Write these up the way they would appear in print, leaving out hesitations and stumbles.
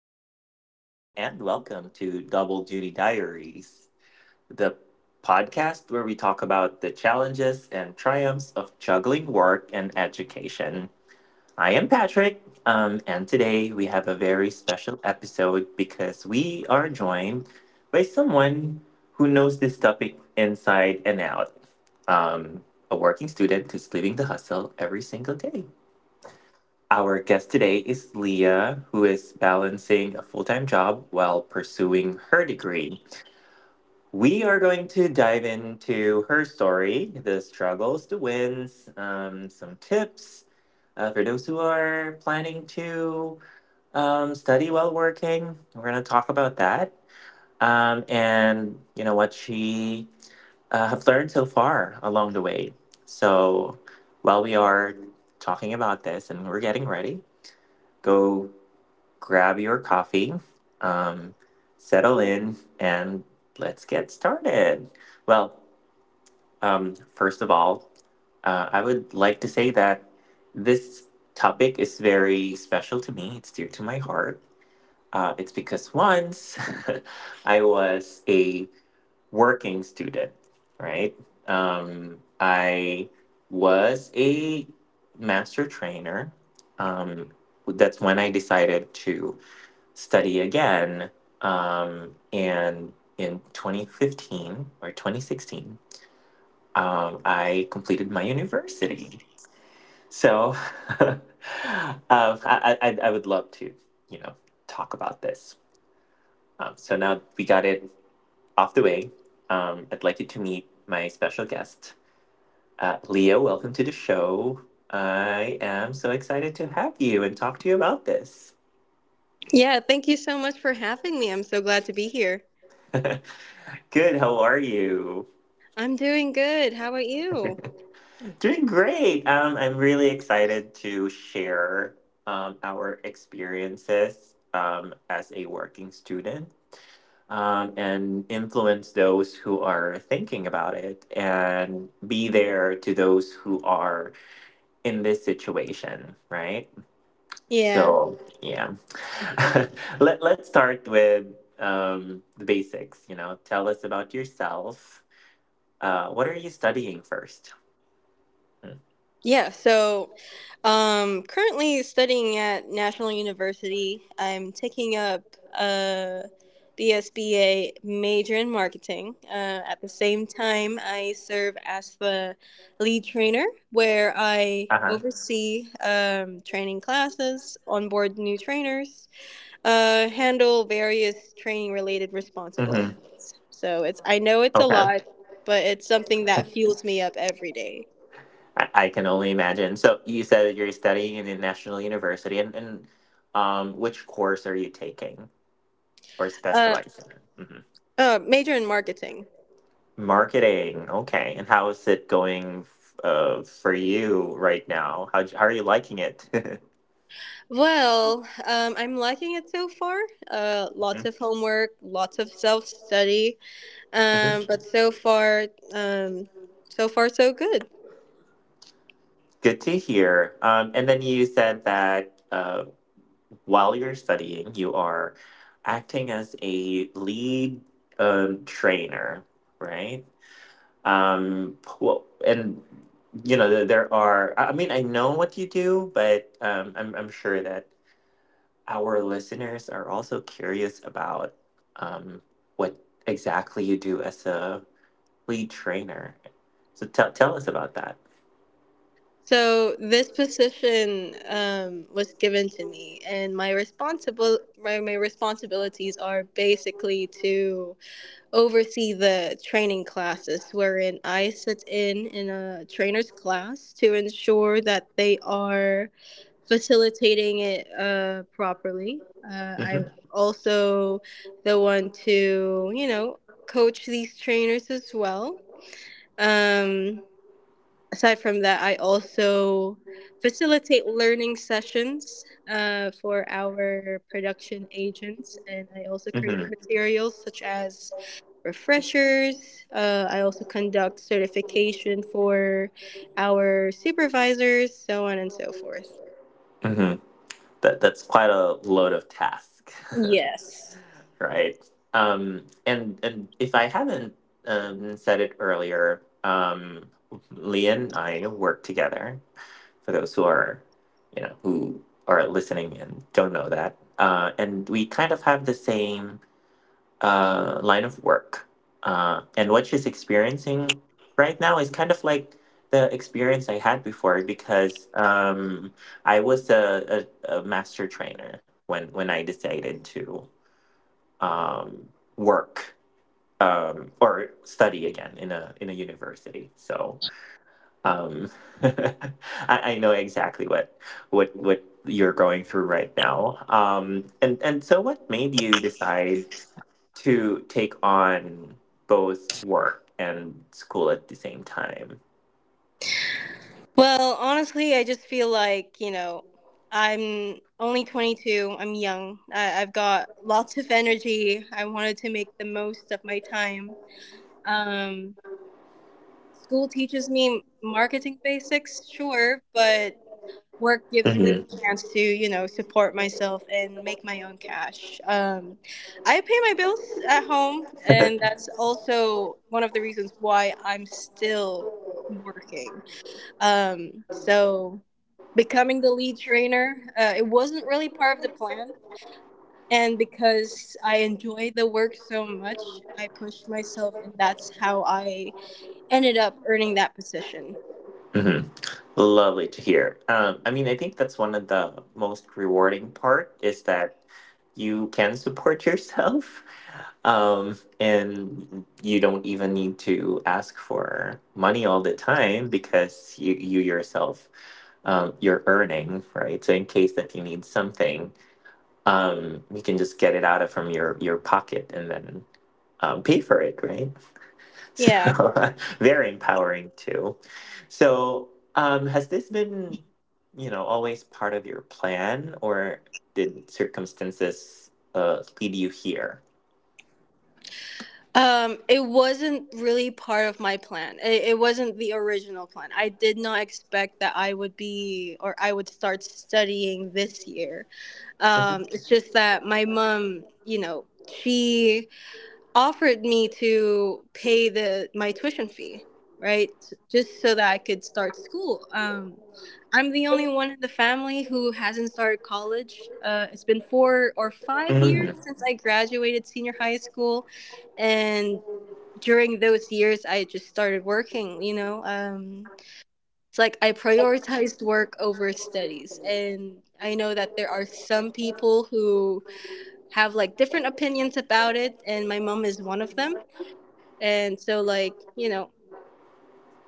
everybody, and welcome to Double Duty Diaries, the podcast where we talk about the challenges and triumphs of juggling work and education. I am Patrick, and today we have a very special episode because we are joined by someone who knows this topic inside and out, um, a working student who's living the hustle every single day. Our guest today is Leah, who is balancing a full time job while pursuing her degree. We are going to dive into her story, the struggles, the wins, some tips for those who are planning to study while working. We're going to talk about that, and you know what she have learned so far along the way. So while we are talking about this and we're getting ready, go grab your coffee, um, settle in, and let's get started. Well, first of all, I would like to say that this topic is very special to me. It's dear to my heart. It's because once I was a working student, right? I was a master trainer. Um, that's when I decided to study again. And in 2015 or 2016, I completed my university. So um, I would love to, you know, talk about this. So now we got it off the way. I'd like you to meet my special guest, Leo. Welcome to the show. I am so excited to have you and talk to you about this. Yeah, thank you so much for having me. I'm so glad to be here. Good. How are you? I'm doing good. How about you? Doing great. I'm really excited to share our experiences as a working student, and influence those who are thinking about it and be there to those who are in this situation, right? Yeah. So, yeah. Let's start with the basics. You know, tell us about yourself. What are you studying first? Uh Yeah, so currently studying at National University. I'm taking up a BSBA major in marketing. At the same time, I serve as the lead trainer where I huh. oversee training classes, onboard new trainers, handle various training related Mm-hmm. responsibilities. So it's I know it's a Okay. lot, but it's something that fuels me up every day. I can only imagine. So you said that you're studying in a national university, and which course are you taking or Uh, specializing in? Mhm. major in marketing. Marketing. Okay. And how is it going for you right now? How are you liking it? Well, I'm liking it so far. Lots Mhm. of homework, lots of self study, Mhm. But so far, um, so far so good. Good to hear. And then you said that while you're studying, you are acting as a lead, trainer, right? Well, and you know, there are. I mean, I know what you do, but I'm sure that our listeners are also curious about um, what exactly you do as a lead trainer. So tell us about that. So this position was given to me, and my responsibilities are basically to oversee the training classes wherein I sit in a trainer's class to ensure that they are facilitating it properly. Hmm. I'm also the one to coach these trainers as well. Um, aside from that, I also facilitate learning sessions for our production agents, and I also create Hmm. materials such as refreshers. I also conduct certification for our supervisors, so on and so forth. Hmm. That's quite a load of task, Yes. right? And if I haven't said it earlier, Lee and I work together for those who are, who are listening and don't know that. And we kind of have the same, line of work. And what she's experiencing right now is kind of like the experience I had before because I was a master trainer when I decided to um, work or study again in a university. So um, I, I know exactly what what you're going through right now. And so, what made you decide to take on both work and school at the same time? Well, honestly, I just feel like, you know, I'm only 22. I'm young. I've got lots of energy. I wanted to make the most of my time. Um, school teaches me marketing basics, sure, but work gives Hmm. me the chance to support myself and make my own cash. I pay my bills at home, and that's also one of the reasons why I'm still working. So becoming the lead trainer, it wasn't really part of the plan. And because I enjoy the work so much, I pushed myself, and that's how I ended up earning that position. Lovely to hear. I mean, I think that's one of the most rewarding part is that you can support yourself, and you don't even need to ask for money all the time because you yourself, you're earning, right? So in case that you need something, you can just get it out of from your pocket and then pay for it, right? So Yeah. very empowering too. So has this been, always part of your plan, or did circumstances lead you here? It wasn't really part of my plan. It wasn't the original plan. I did not expect that I would be or I would start studying this year. Mhm. It's just that my mom, you know, she offered me to pay the my tuition fee, right, just so that I could start school. I'm the only one in the family who hasn't started college. It's been 4 or 5 years Mhm. since I graduated senior high school. And during those years I just started working. It's like I prioritized work over studies, and I know that there are some people who have like different opinions about it, and my mom is one of them. And so, like, you know,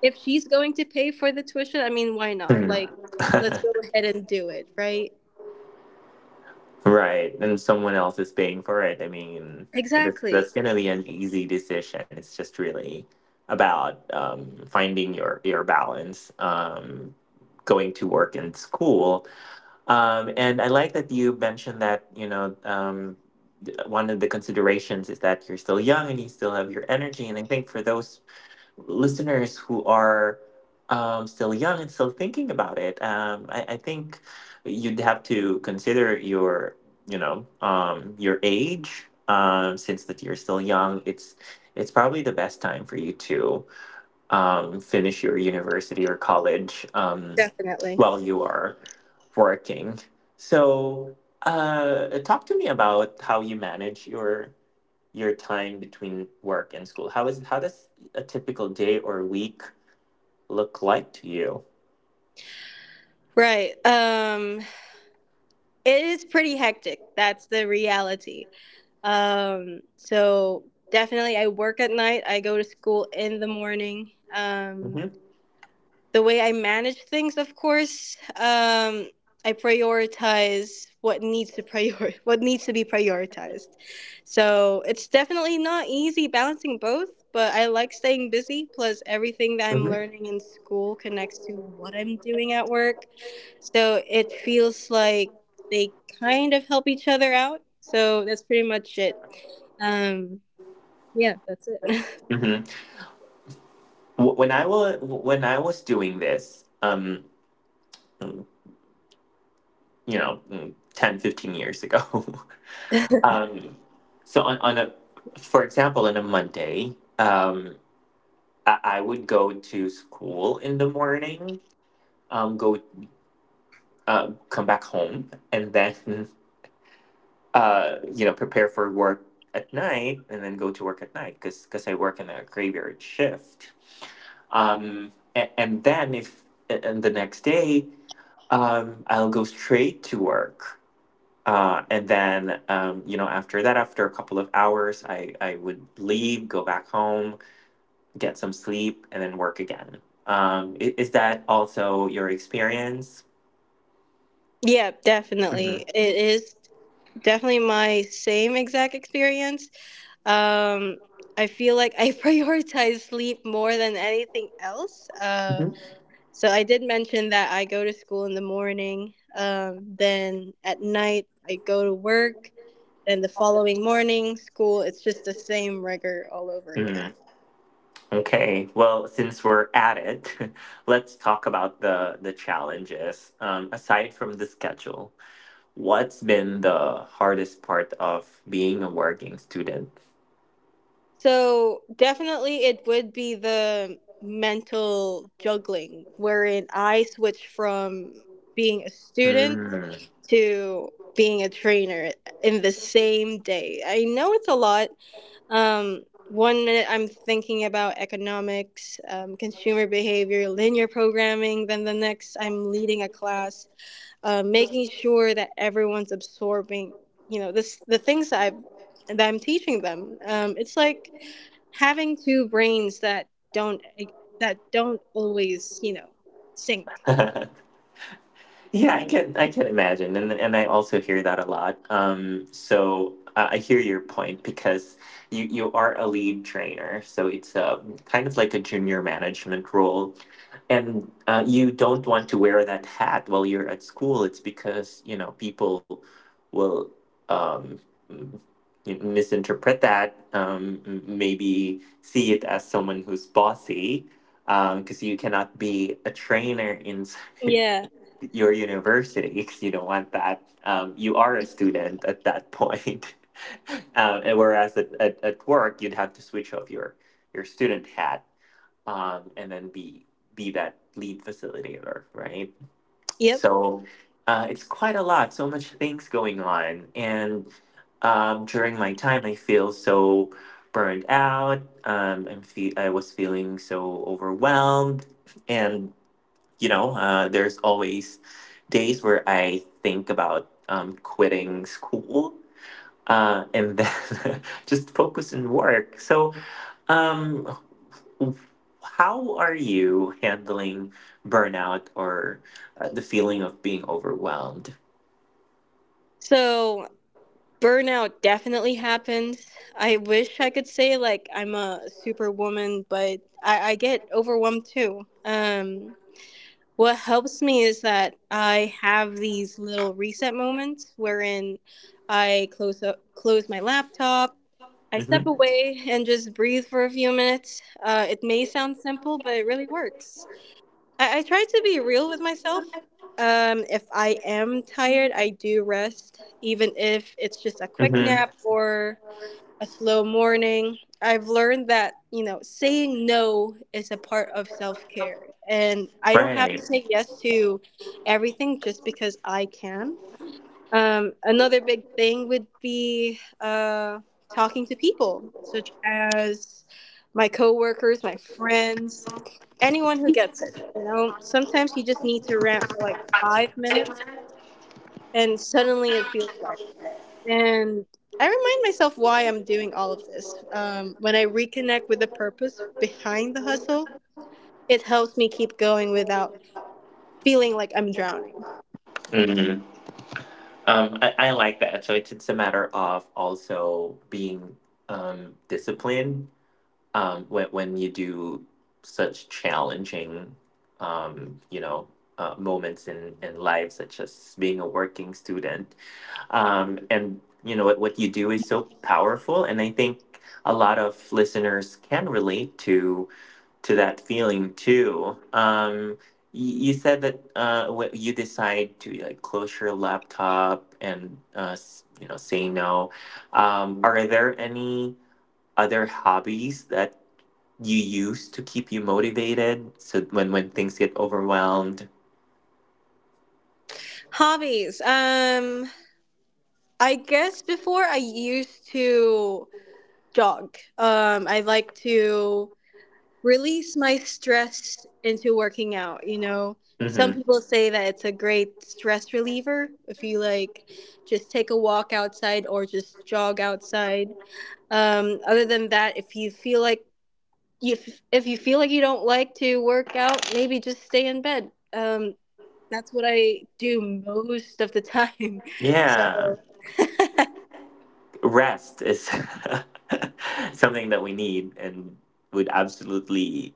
if she's going to pay for the tuition, I mean, why not? Mhm. Like, let's go ahead and do it, right? Right, and someone else is paying for it. I mean, that's Exactly. that's gonna be an easy decision. It's just really about finding your balance, going to work and school. And I like that you mentioned that, one of the considerations is that you're still young and you still have your energy. And I think for those listeners who are still young and still thinking about it, I think you'd have to consider your, your age. Since that you're still young, it's probably the best time for you to finish your university or college Definitely. while you are working. So, talk to me about how you manage your time between work and school. How does a typical day or week look like to you? Right. It is pretty hectic. That's the reality. So definitely I work at night. I go to school in the morning. Um Hmm. the way I manage things, of course, I prioritize what needs to prior what needs to be prioritized. So it's definitely not easy balancing both, but I like staying busy. Plus, everything that I'm Hmm. learning in school connects to what I'm doing at work, so it feels like they kind of help each other out. So that's pretty much it. Um, yeah, that's it. Hmm. When I was doing this, you know, 10-15 years ago, um, so on a for example, on a Monday. I would go to school in the morning, go come back home, and then prepare for work at night, and then go to work at night because I work in a graveyard shift. And then if a- and the next day, I'll go straight to work. And then after that, after a couple of hours, I would leave, go back home, get some sleep, and then work again. Is that also your experience? Yeah, definitely, Hmm. it is. Definitely my same exact experience. Um, I feel like I prioritize sleep more than anything else. Uh, Hmm. so I did mention that I go to school in the morning. Then at night, I go to work. Then the following morning, school. It's just the same rigor all over Mm, again. okay. Well, since we're at it, let's talk about the challenges. Aside from the schedule, what's been the hardest part of being a working student? So definitely, it would be the mental juggling wherein I switch from being a student Mm. to being a trainer in the same day. I know it's a lot. Um, One minute I'm thinking about economics, consumer behavior, linear programming. Then the next I'm leading a class, making sure that everyone's absorbing, you know, this the things that I'm teaching them. It's like having two brains that don't like, don't always, you know, sync. Yeah, I can imagine, and I also hear that a lot. I hear your point because you are a lead trainer, so it's kind of like a junior management role, and you don't want to wear that hat while you're at school. It's because you know people will um, m- misinterpret that, maybe see it as someone who's bossy, because you cannot be a trainer inside Yeah. your university because you don't want that. You are a student at that point. And whereas at work, you'd have to switch off your student hat, and then be that lead facilitator, right? Yep. So it's quite a lot, so much things going on. And during my time, I feel so burned out. I was feeling so overwhelmed. And you know there's always days where I think about quitting school, and then just focus on work. So um, how are you handling burnout or the feeling of being overwhelmed? So burnout definitely happened. I wish I could say like I'm a superwoman, but I get overwhelmed too. What helps me is that I have these little reset moments wherein I close up, close my laptop. I step Mm-hmm. away and just breathe for a few minutes. It may sound simple, but it really works. I try to be real with myself. If I am tired, I do rest, even if it's just a quick Mm-hmm. nap or a slow morning. I've learned that, you know, saying no is a part of self care. And I don't have to Right. say yes to everything just because I can. Another big thing would be, talking to people, such as my coworkers, my friends, anyone who gets it. You know, sometimes you just need to rant for like 5 minutes, and suddenly it feels lighter. And I remind myself why I'm doing all of this. When I reconnect with the purpose behind the hustle, it helps me keep going without feeling like I'm drowning. Hmm. I like that. So it's a matter of also being disciplined when you do such challenging, um, you know, moments in life, such as being a working student, and you know what you do is so powerful, and I think a lot of listeners can relate to that feeling too. You said that you decide to like close your laptop and you know say no. Are there any other hobbies that you use to keep you motivated so when things get overwhelmed? Hobbies. I guess before I used to jog. I like to release my stress into working out. You know, some Hmm. people say that it's a great stress reliever if you like just take a walk outside or just jog outside. Other than that, if you feel like you don't like to work out, maybe just stay in bed. That's what I do most of the time. Yeah, So. rest is something that we need and would absolutely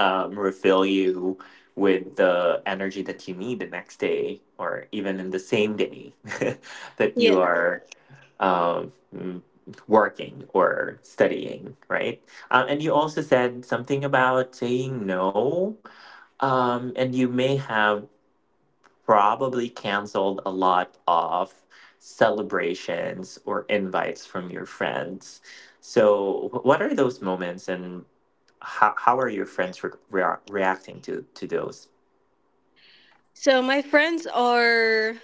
refill you with the energy that you need the next day or even in the same day that Yeah. you are, um, mm, working or studying, right? And you also said something about saying no, and you may have probably canceled a lot of celebrations or invites from your friends. So, what are those moments, and how are your friends reacting to those? So my friends are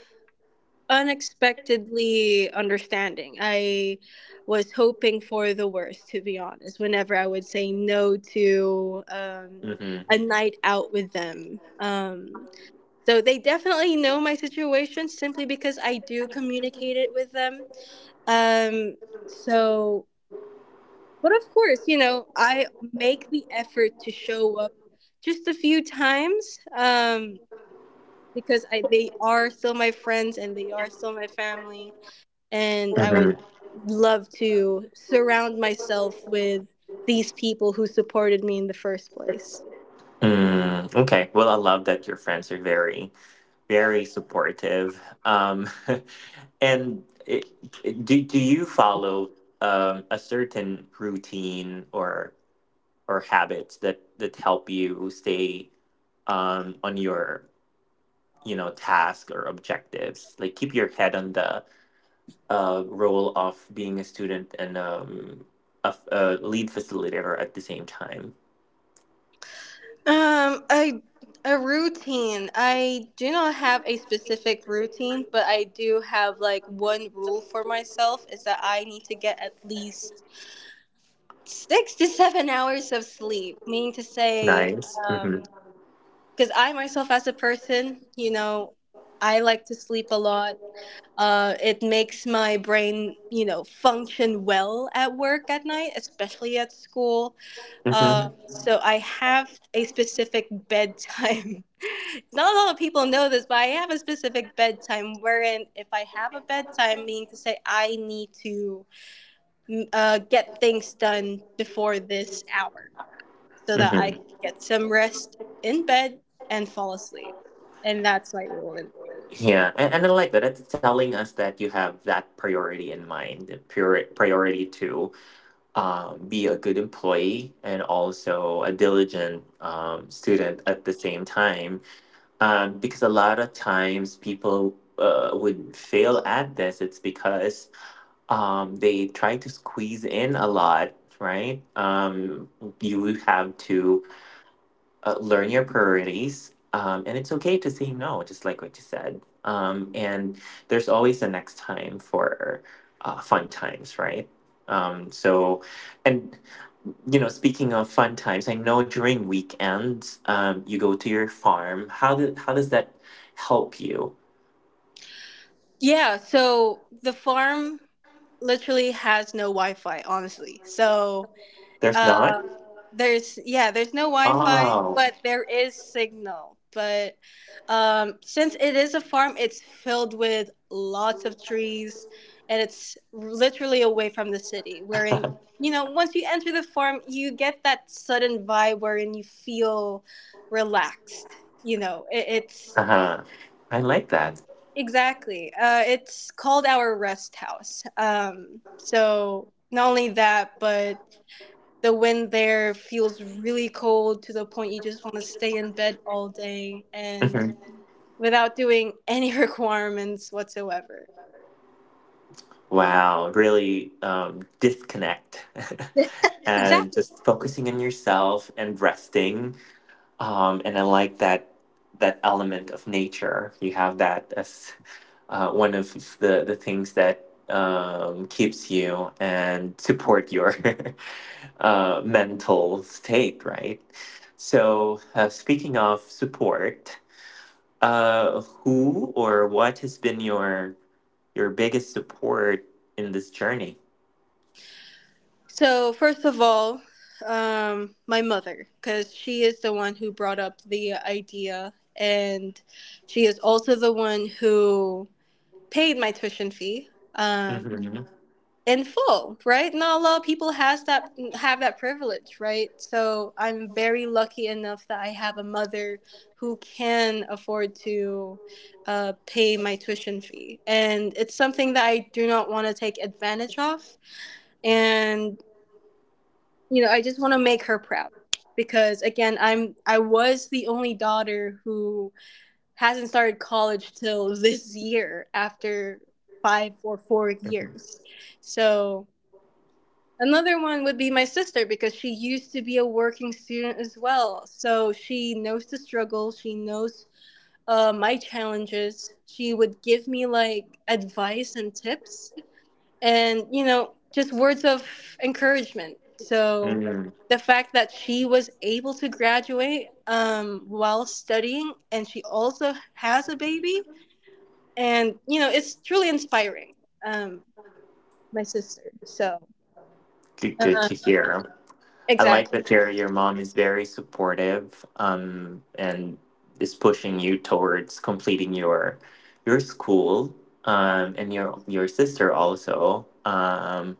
unexpectedly understanding. I was hoping for the worst, to be honest. Whenever I would say no to Hmm. a night out with them, So they definitely know my situation simply because I do communicate it with them. Um, so, but of course, you know, I make the effort to show up just a few times. Because I they are still my friends and they are still my family, and I would Hmm. love to surround myself with these people who supported me in the first place. Mm, okay. Well, I love that your friends are very, very supportive. And do you follow a certain routine or habits that help you stay on your, task or objectives, like keep your head on the role of being a student and a lead facilitator at the same time? I a routine. I do not have a specific routine, but I do have like one rule for myself is that I need to get at least 6 to 7 hours of sleep, meaning to say, Nice. Mm-hmm. um. because I myself as a person, you know, I like to sleep a lot. It makes my brain, you know, function well at work at night, especially at school. Uh, Mm-hmm. so I have a specific bedtime. Not a lot of people know this, but I have a specific bedtime wherein if I have a bedtime, meaning to say I need to get things done before this hour so that I Mm-hmm. can get some rest in bed and fall asleep. And that's my rule. Yeah, and I like that it's telling us that you have that priority in mind, priority to be a good employee and also a diligent, student at the same time. Because a lot of times people would fail at this. It's because they try to squeeze in a lot, right? You have to learn your priorities. And it's okay to say no, just like what you said. And there's always a next time for fun times, right? So, and speaking of fun times, I know during weekends, you go to your farm. How does that help you? Yeah, so the farm literally has no Wi Fi, honestly. So There's not? uh, There's, yeah, there's no Wi-Fi, Oh. but there is signal. But since it is a farm, it's filled with lots of trees, and it's literally away from the city. Wherein, you know, once you enter the farm, you get that sudden vibe wherein you feel relaxed. You know, it's Uh-huh. I like that. exactly. It's called our rest house. So not only that, but the wind there feels really cold to the point you just want to stay in bed all day and Mhm. without doing any requirements whatsoever. Wow, really disconnect and Exactly. just focusing on yourself and resting. And I like that that element of nature. You have that as one of the things that keeps you and support your mental state, right? So, speaking of support, who or what has been your biggest support in this journey? So, first of all, my mother, because she is the one who brought up the idea, and she is also the one who paid my tuition fee. Um, Hmm. in full, right? Not a lot of people has that have that privilege, right? So I'm very lucky enough that I have a mother who can afford to pay my tuition fee, and it's something that I do not want to take advantage of, and you know I just want to make her proud because again I was the only daughter who hasn't started college till this year after 5 or 4 years, so. Another one would be my sister because she used to be a working student as well. So she knows the struggle, she knows my challenges. She would give me like advice and tips and, you know, just words of encouragement. So Hmm. the fact that she was able to graduate while studying and she also has a baby and, you know, it's truly inspiring. Um, my sister. So, Good, good uh, to hear. I like that exactly. your mom is very supportive, and is pushing you towards completing your school, and your sister also.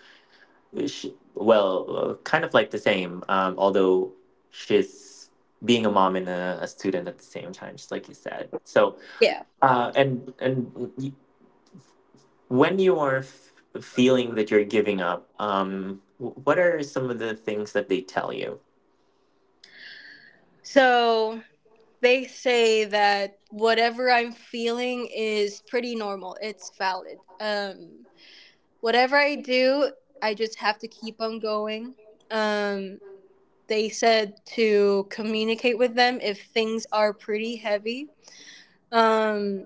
sh well, Kind of like the same, although she's being a mom and a student at the same time, just like you said. So, Yeah. uh, and and y- when you are f feeling that you're giving up, what are some of the things that they tell you? So they say that whatever I'm feeling is pretty normal. It's valid. Whatever I do, I just have to keep on going. Um, they said to communicate with them if things are pretty heavy. Um,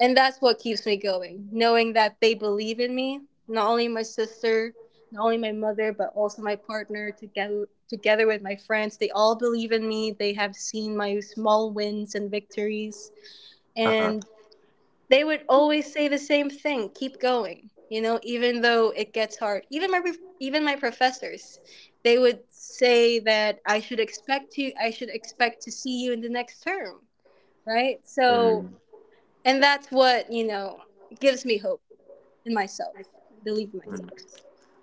and that's what keeps me going, knowing that they believe in me, not only my sister, not only my mother, but also my partner, together with my friends. They all believe in me. They have seen my small wins and victories. Uh-huh. And they would always say the same thing, keep going, you know, even though it gets hard. Even my professors, they would say that I should expect to see you in the next term, right? Hmm. So and that's what gives me hope in myself. I believe in Mm. myself.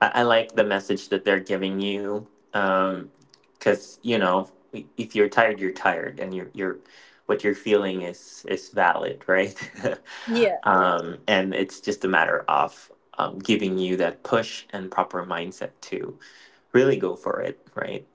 I like the message that they're giving you, because if you're tired, you're tired, and you're what you're feeling is valid, right? Yeah. And it's just a matter of giving you that push and proper mindset to really go for it, right?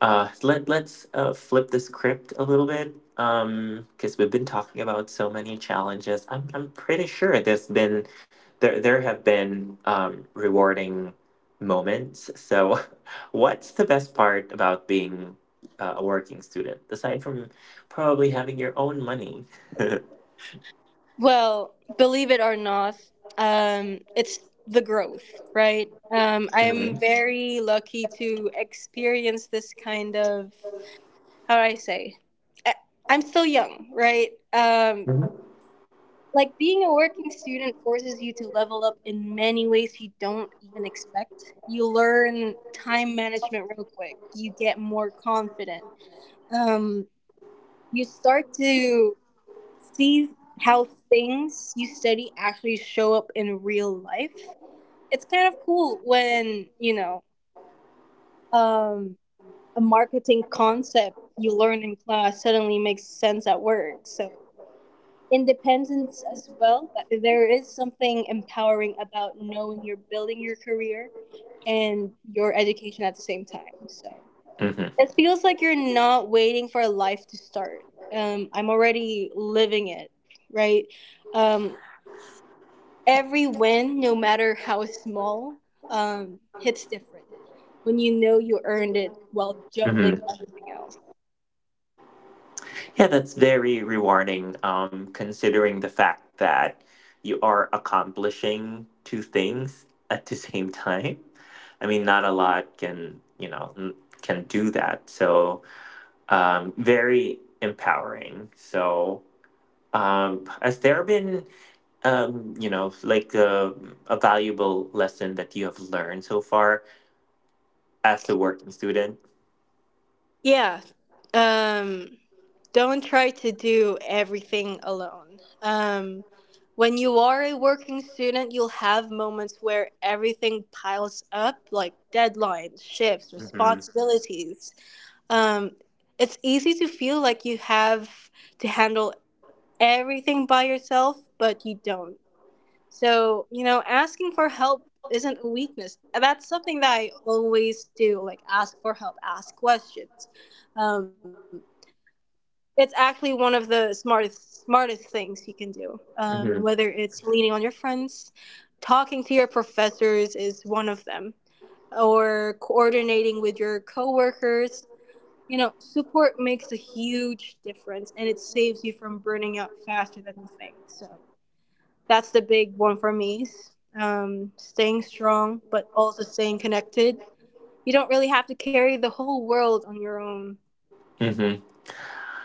Let's flip the script a little bit, because we've been talking about so many challenges. I'm pretty sure there's been there have been, rewarding moments. So, what's the best part about being a working student aside from probably having your own money? Well, believe it or not, it's the growth, right? I am Hmm. very lucky to experience this kind of, how do I say? I, I'm still young, right? Like being a working student forces you to level up in many ways you don't even expect. You learn time management real quick. You get more confident. Um, you start to see how things you study actually show up in real life. It's kind of cool when, you know, um, a marketing concept you learn in class suddenly makes sense at work. So, independence as well. That There is something empowering about knowing you're building your career and your education at the same time. So, Hmm. it feels like you're not waiting for a life to start. I'm already living it, right? Um, every win, no matter how small, hits different when you know you earned it while juggling Hmm. everything else. Yeah, that's very rewarding, considering the fact that you are accomplishing two things at the same time. I mean, not a lot can, can do that. So, very empowering. So, has there been, you know, like a valuable lesson that you have learned so far as a working student? Yeah. Um, don't try to do everything alone. When you are a working student, you'll have moments where everything piles up, like deadlines, shifts, Mm-hmm. responsibilities. um, it's easy to feel like you have to handle everything by yourself, but you don't. So, you know, asking for help isn't a weakness. And That's something that I always do, like ask for help, ask questions. Um, it's actually one of the smartest things you can do. Whether it's leaning on your friends, talking to your professors is one of them, or coordinating with your coworkers, you know, support makes a huge difference and it saves you from burning out faster than you think. So that's the big one for me. Staying strong, but also staying connected. You don't really have to carry the whole world on your own. Hmm.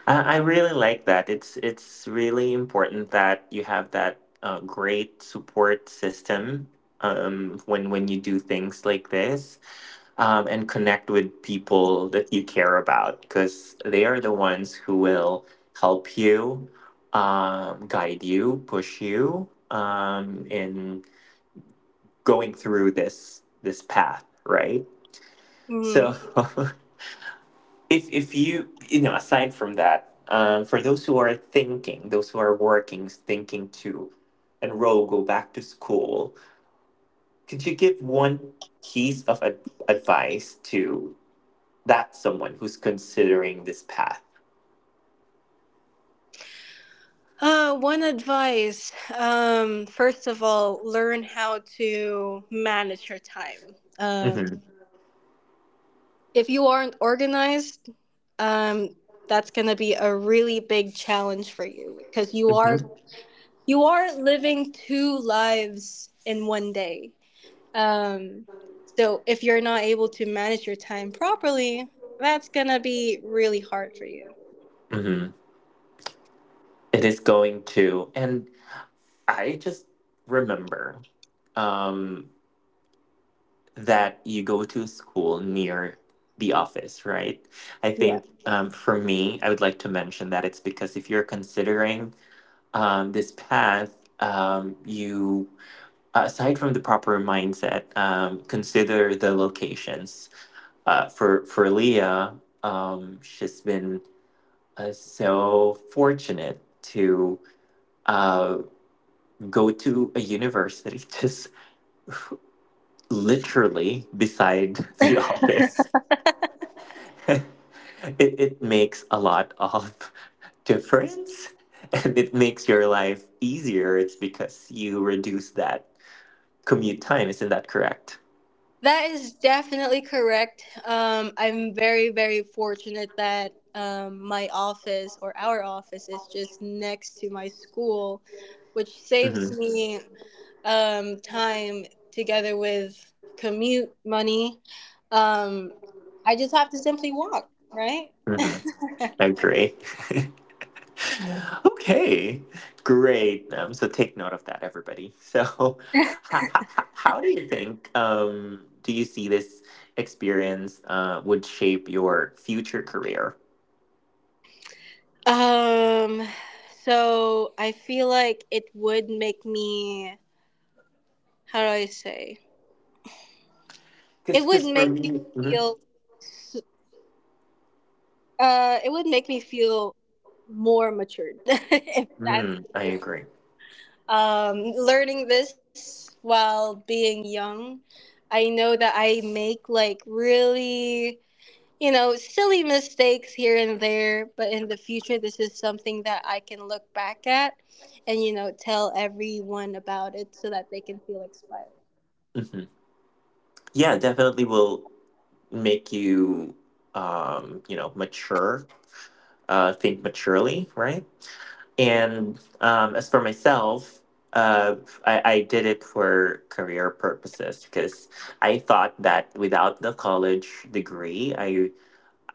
I really like that. It's really important that you have that great support system, when you do things like this, and connect with people that you care about, because they are the ones who will help you, guide you, push you, in going through this path, right? Mm. So if you, you know aside from that, for those who are thinking, those who are working, thinking to enroll, go back to school, could you give one piece of advice to that someone who's considering this path? One advice. First of all, learn how to manage your time. Hmm. If you aren't organized, um, that's going to be a really big challenge for you, because Hmm. you are living two lives in one day. Um, so if you're not able to manage your time properly, that's gonna be really hard for you. Hmm. It is going to. And I just remember, um, that you go to a school near the office, right? I Yeah. think for me, I would like to mention that it's because if you're considering this path, aside from the proper mindset, consider the locations. For Leah, she's been so fortunate to uh, go to a university just literally beside the office it, it makes a lot of difference, and it makes your life easier. It's because you reduce that commute time. Isn't that correct? That is definitely correct. I'm very, very fortunate that my office, or our office, is just next to my school, which Hmm. saves me time, together with commute money. um, I just have to simply walk, right? Hmm. I agree. Okay, great. So take note of that, everybody. So, how, how do you think, do you see this experience would shape your future career? Um, so I feel like it would make me, how do I say? It would Because for make me me. Mhm. feel, s- it would make me feel more matured if that's Mm, I agree. Learning this while being young. I know that I make like really, you know, silly mistakes here and there, but in the future, this is something that I can look back at and, you know, tell everyone about it so that they can feel inspired. Mm-hmm. Yeah, definitely will make you, you know, mature, think maturely, right? And as for myself, uh I did it for career purposes, because I thought that without the college degree, I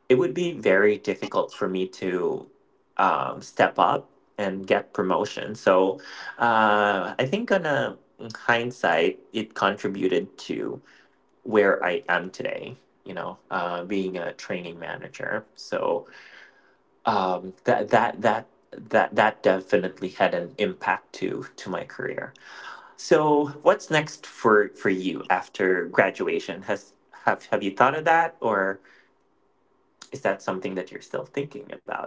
it would be very difficult for me to step up and get promotion. So I think on a hindsight, it contributed to where I am today, you know, being a training manager. So that that that that that definitely had an impact to my career. So what's next for you after graduation? Has have you thought of that, or is that something that you're still thinking about?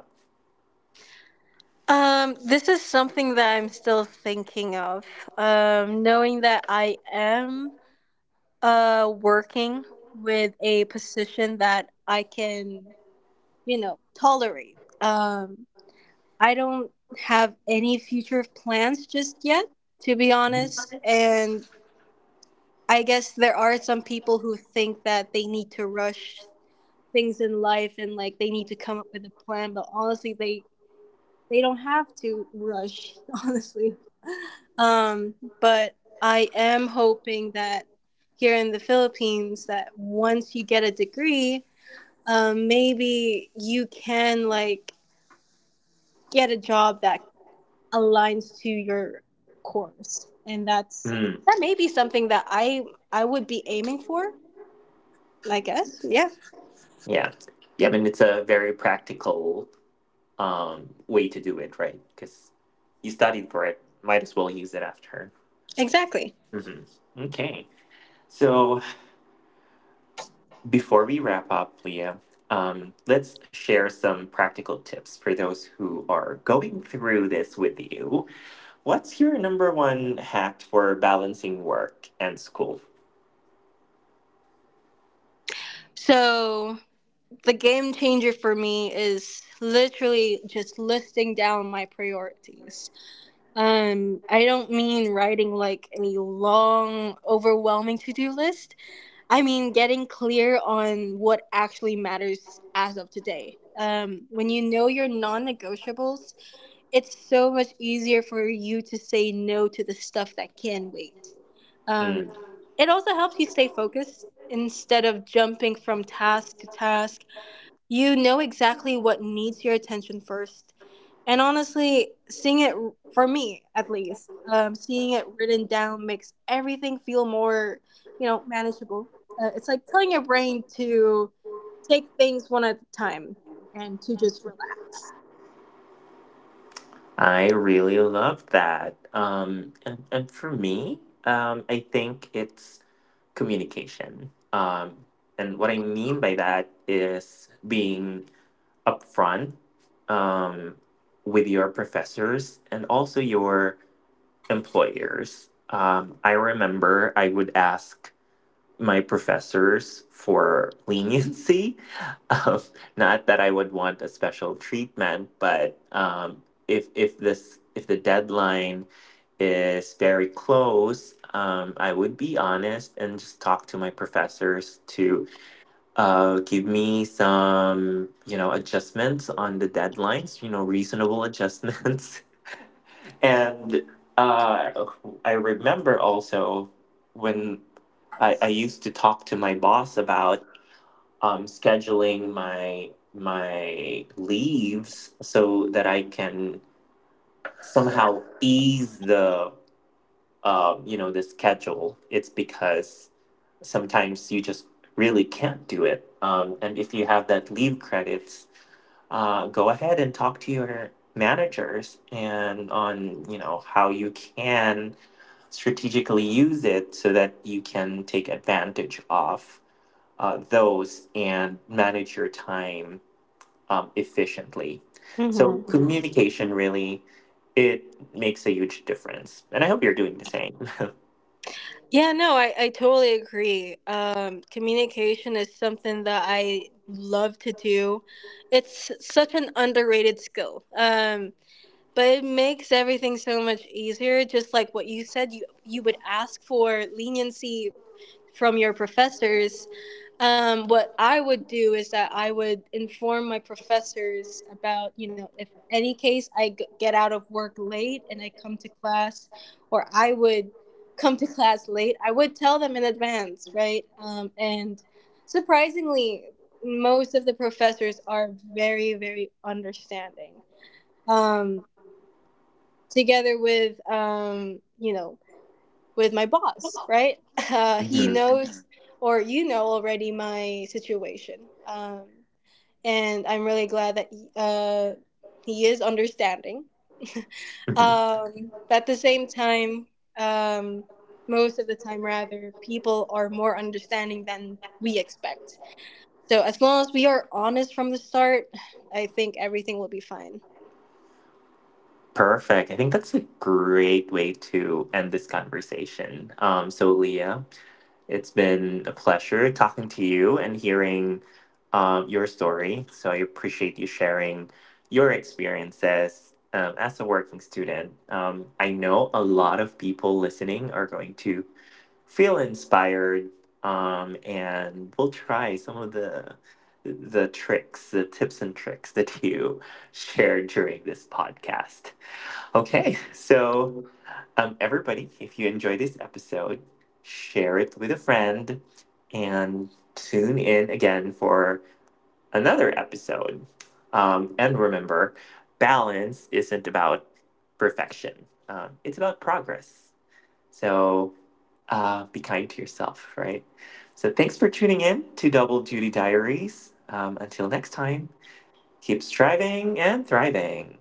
This is something that I'm still thinking of. Knowing that I am working with a position that I can, you know, tolerate. I don't have any future plans just yet, to be honest, and I guess there are some people who think that they need to rush things in life and like they need to come up with a plan, but honestly they don't have to rush, honestly. But I am hoping that here in the Philippines, that once you get a degree, maybe you can like get a job that aligns to your course. And that's, Mm, that may be something that I would be aiming for, I guess. Yeah, yeah, yeah. I mean, it's a very practical, way to do it, right? Because you studied for it, might as well use it after. exactly. Hmm. Okay. So before we wrap up, Leah, let's share some practical tips for those who are going through this with you. What's your number one hack for balancing work and school? So the game changer for me is literally just listing down my priorities. I don't mean writing like a long, overwhelming to do list. I mean getting clear on what actually matters as of today. When you know your non negotiables, it's so much easier for you to say no to the stuff that can wait. Mm, Um, it also helps you stay focused instead of jumping from task to task. You know exactly what needs your attention first. And honestly, seeing it, for me at least, seeing it written down makes everything feel more, you know, manageable. It's like telling your brain to take things one at a time and to just relax. I really love that. And for me, I think it's communication. And what I mean by that is being upfront, um, with your professors and also your employers. I remember I would ask my professors for leniency. Um, not that I would want a special treatment, but if this if the deadline is very close, I would be honest and just talk to my professors to give me some, you know, adjustments on the deadlines. You know, reasonable adjustments. And uh, I remember also when I used to talk to my boss about scheduling my leaves so that I can somehow ease the, you know, the schedule. It's because sometimes you just really can't do it, and if you have that leave credits, go ahead and talk to your managers and on, you know, how you can strategically use it so that you can take advantage of those and manage your time, efficiently. So hmm communication really, it makes a huge difference, and I hope you're doing the same. Yeah, no, I totally agree. Communication is something that I love to do. It's such an underrated skill. But it makes everything so much easier. Just like what you said, you would ask for leniency from your professors. Um, what I would do is that I would inform my professors about, you know, if any case I get out of work late and I come to class, or I would come to class late, I would tell them in advance, right? Um, and surprisingly, most of the professors are very understanding, um, together with, you know, with my boss, right? Uh, he Mhm, knows. Mhm. Or you know already my situation, and I'm really glad that he is understanding. mhm. Um but at the same time, um most of the time, rather, people are more understanding than we expect, so as long as we are honest from the start, I think everything will be fine. Perfect. I think that's a great way to end this conversation. So, Leah, it's been a pleasure talking to you and hearing, your story. So I appreciate you sharing your experiences as a working student. I know a lot of people listening are going to feel inspired, and we'll try some of the tricks, the tips and tricks that you shared during this podcast. Okay, so everybody, if you enjoyed this episode, share it with a friend and tune in again for another episode. And remember, balance isn't about perfection, it's about progress. So be kind to yourself, right? So thanks for tuning in to Double Duty Diaries. Until next time, keep striving and thriving.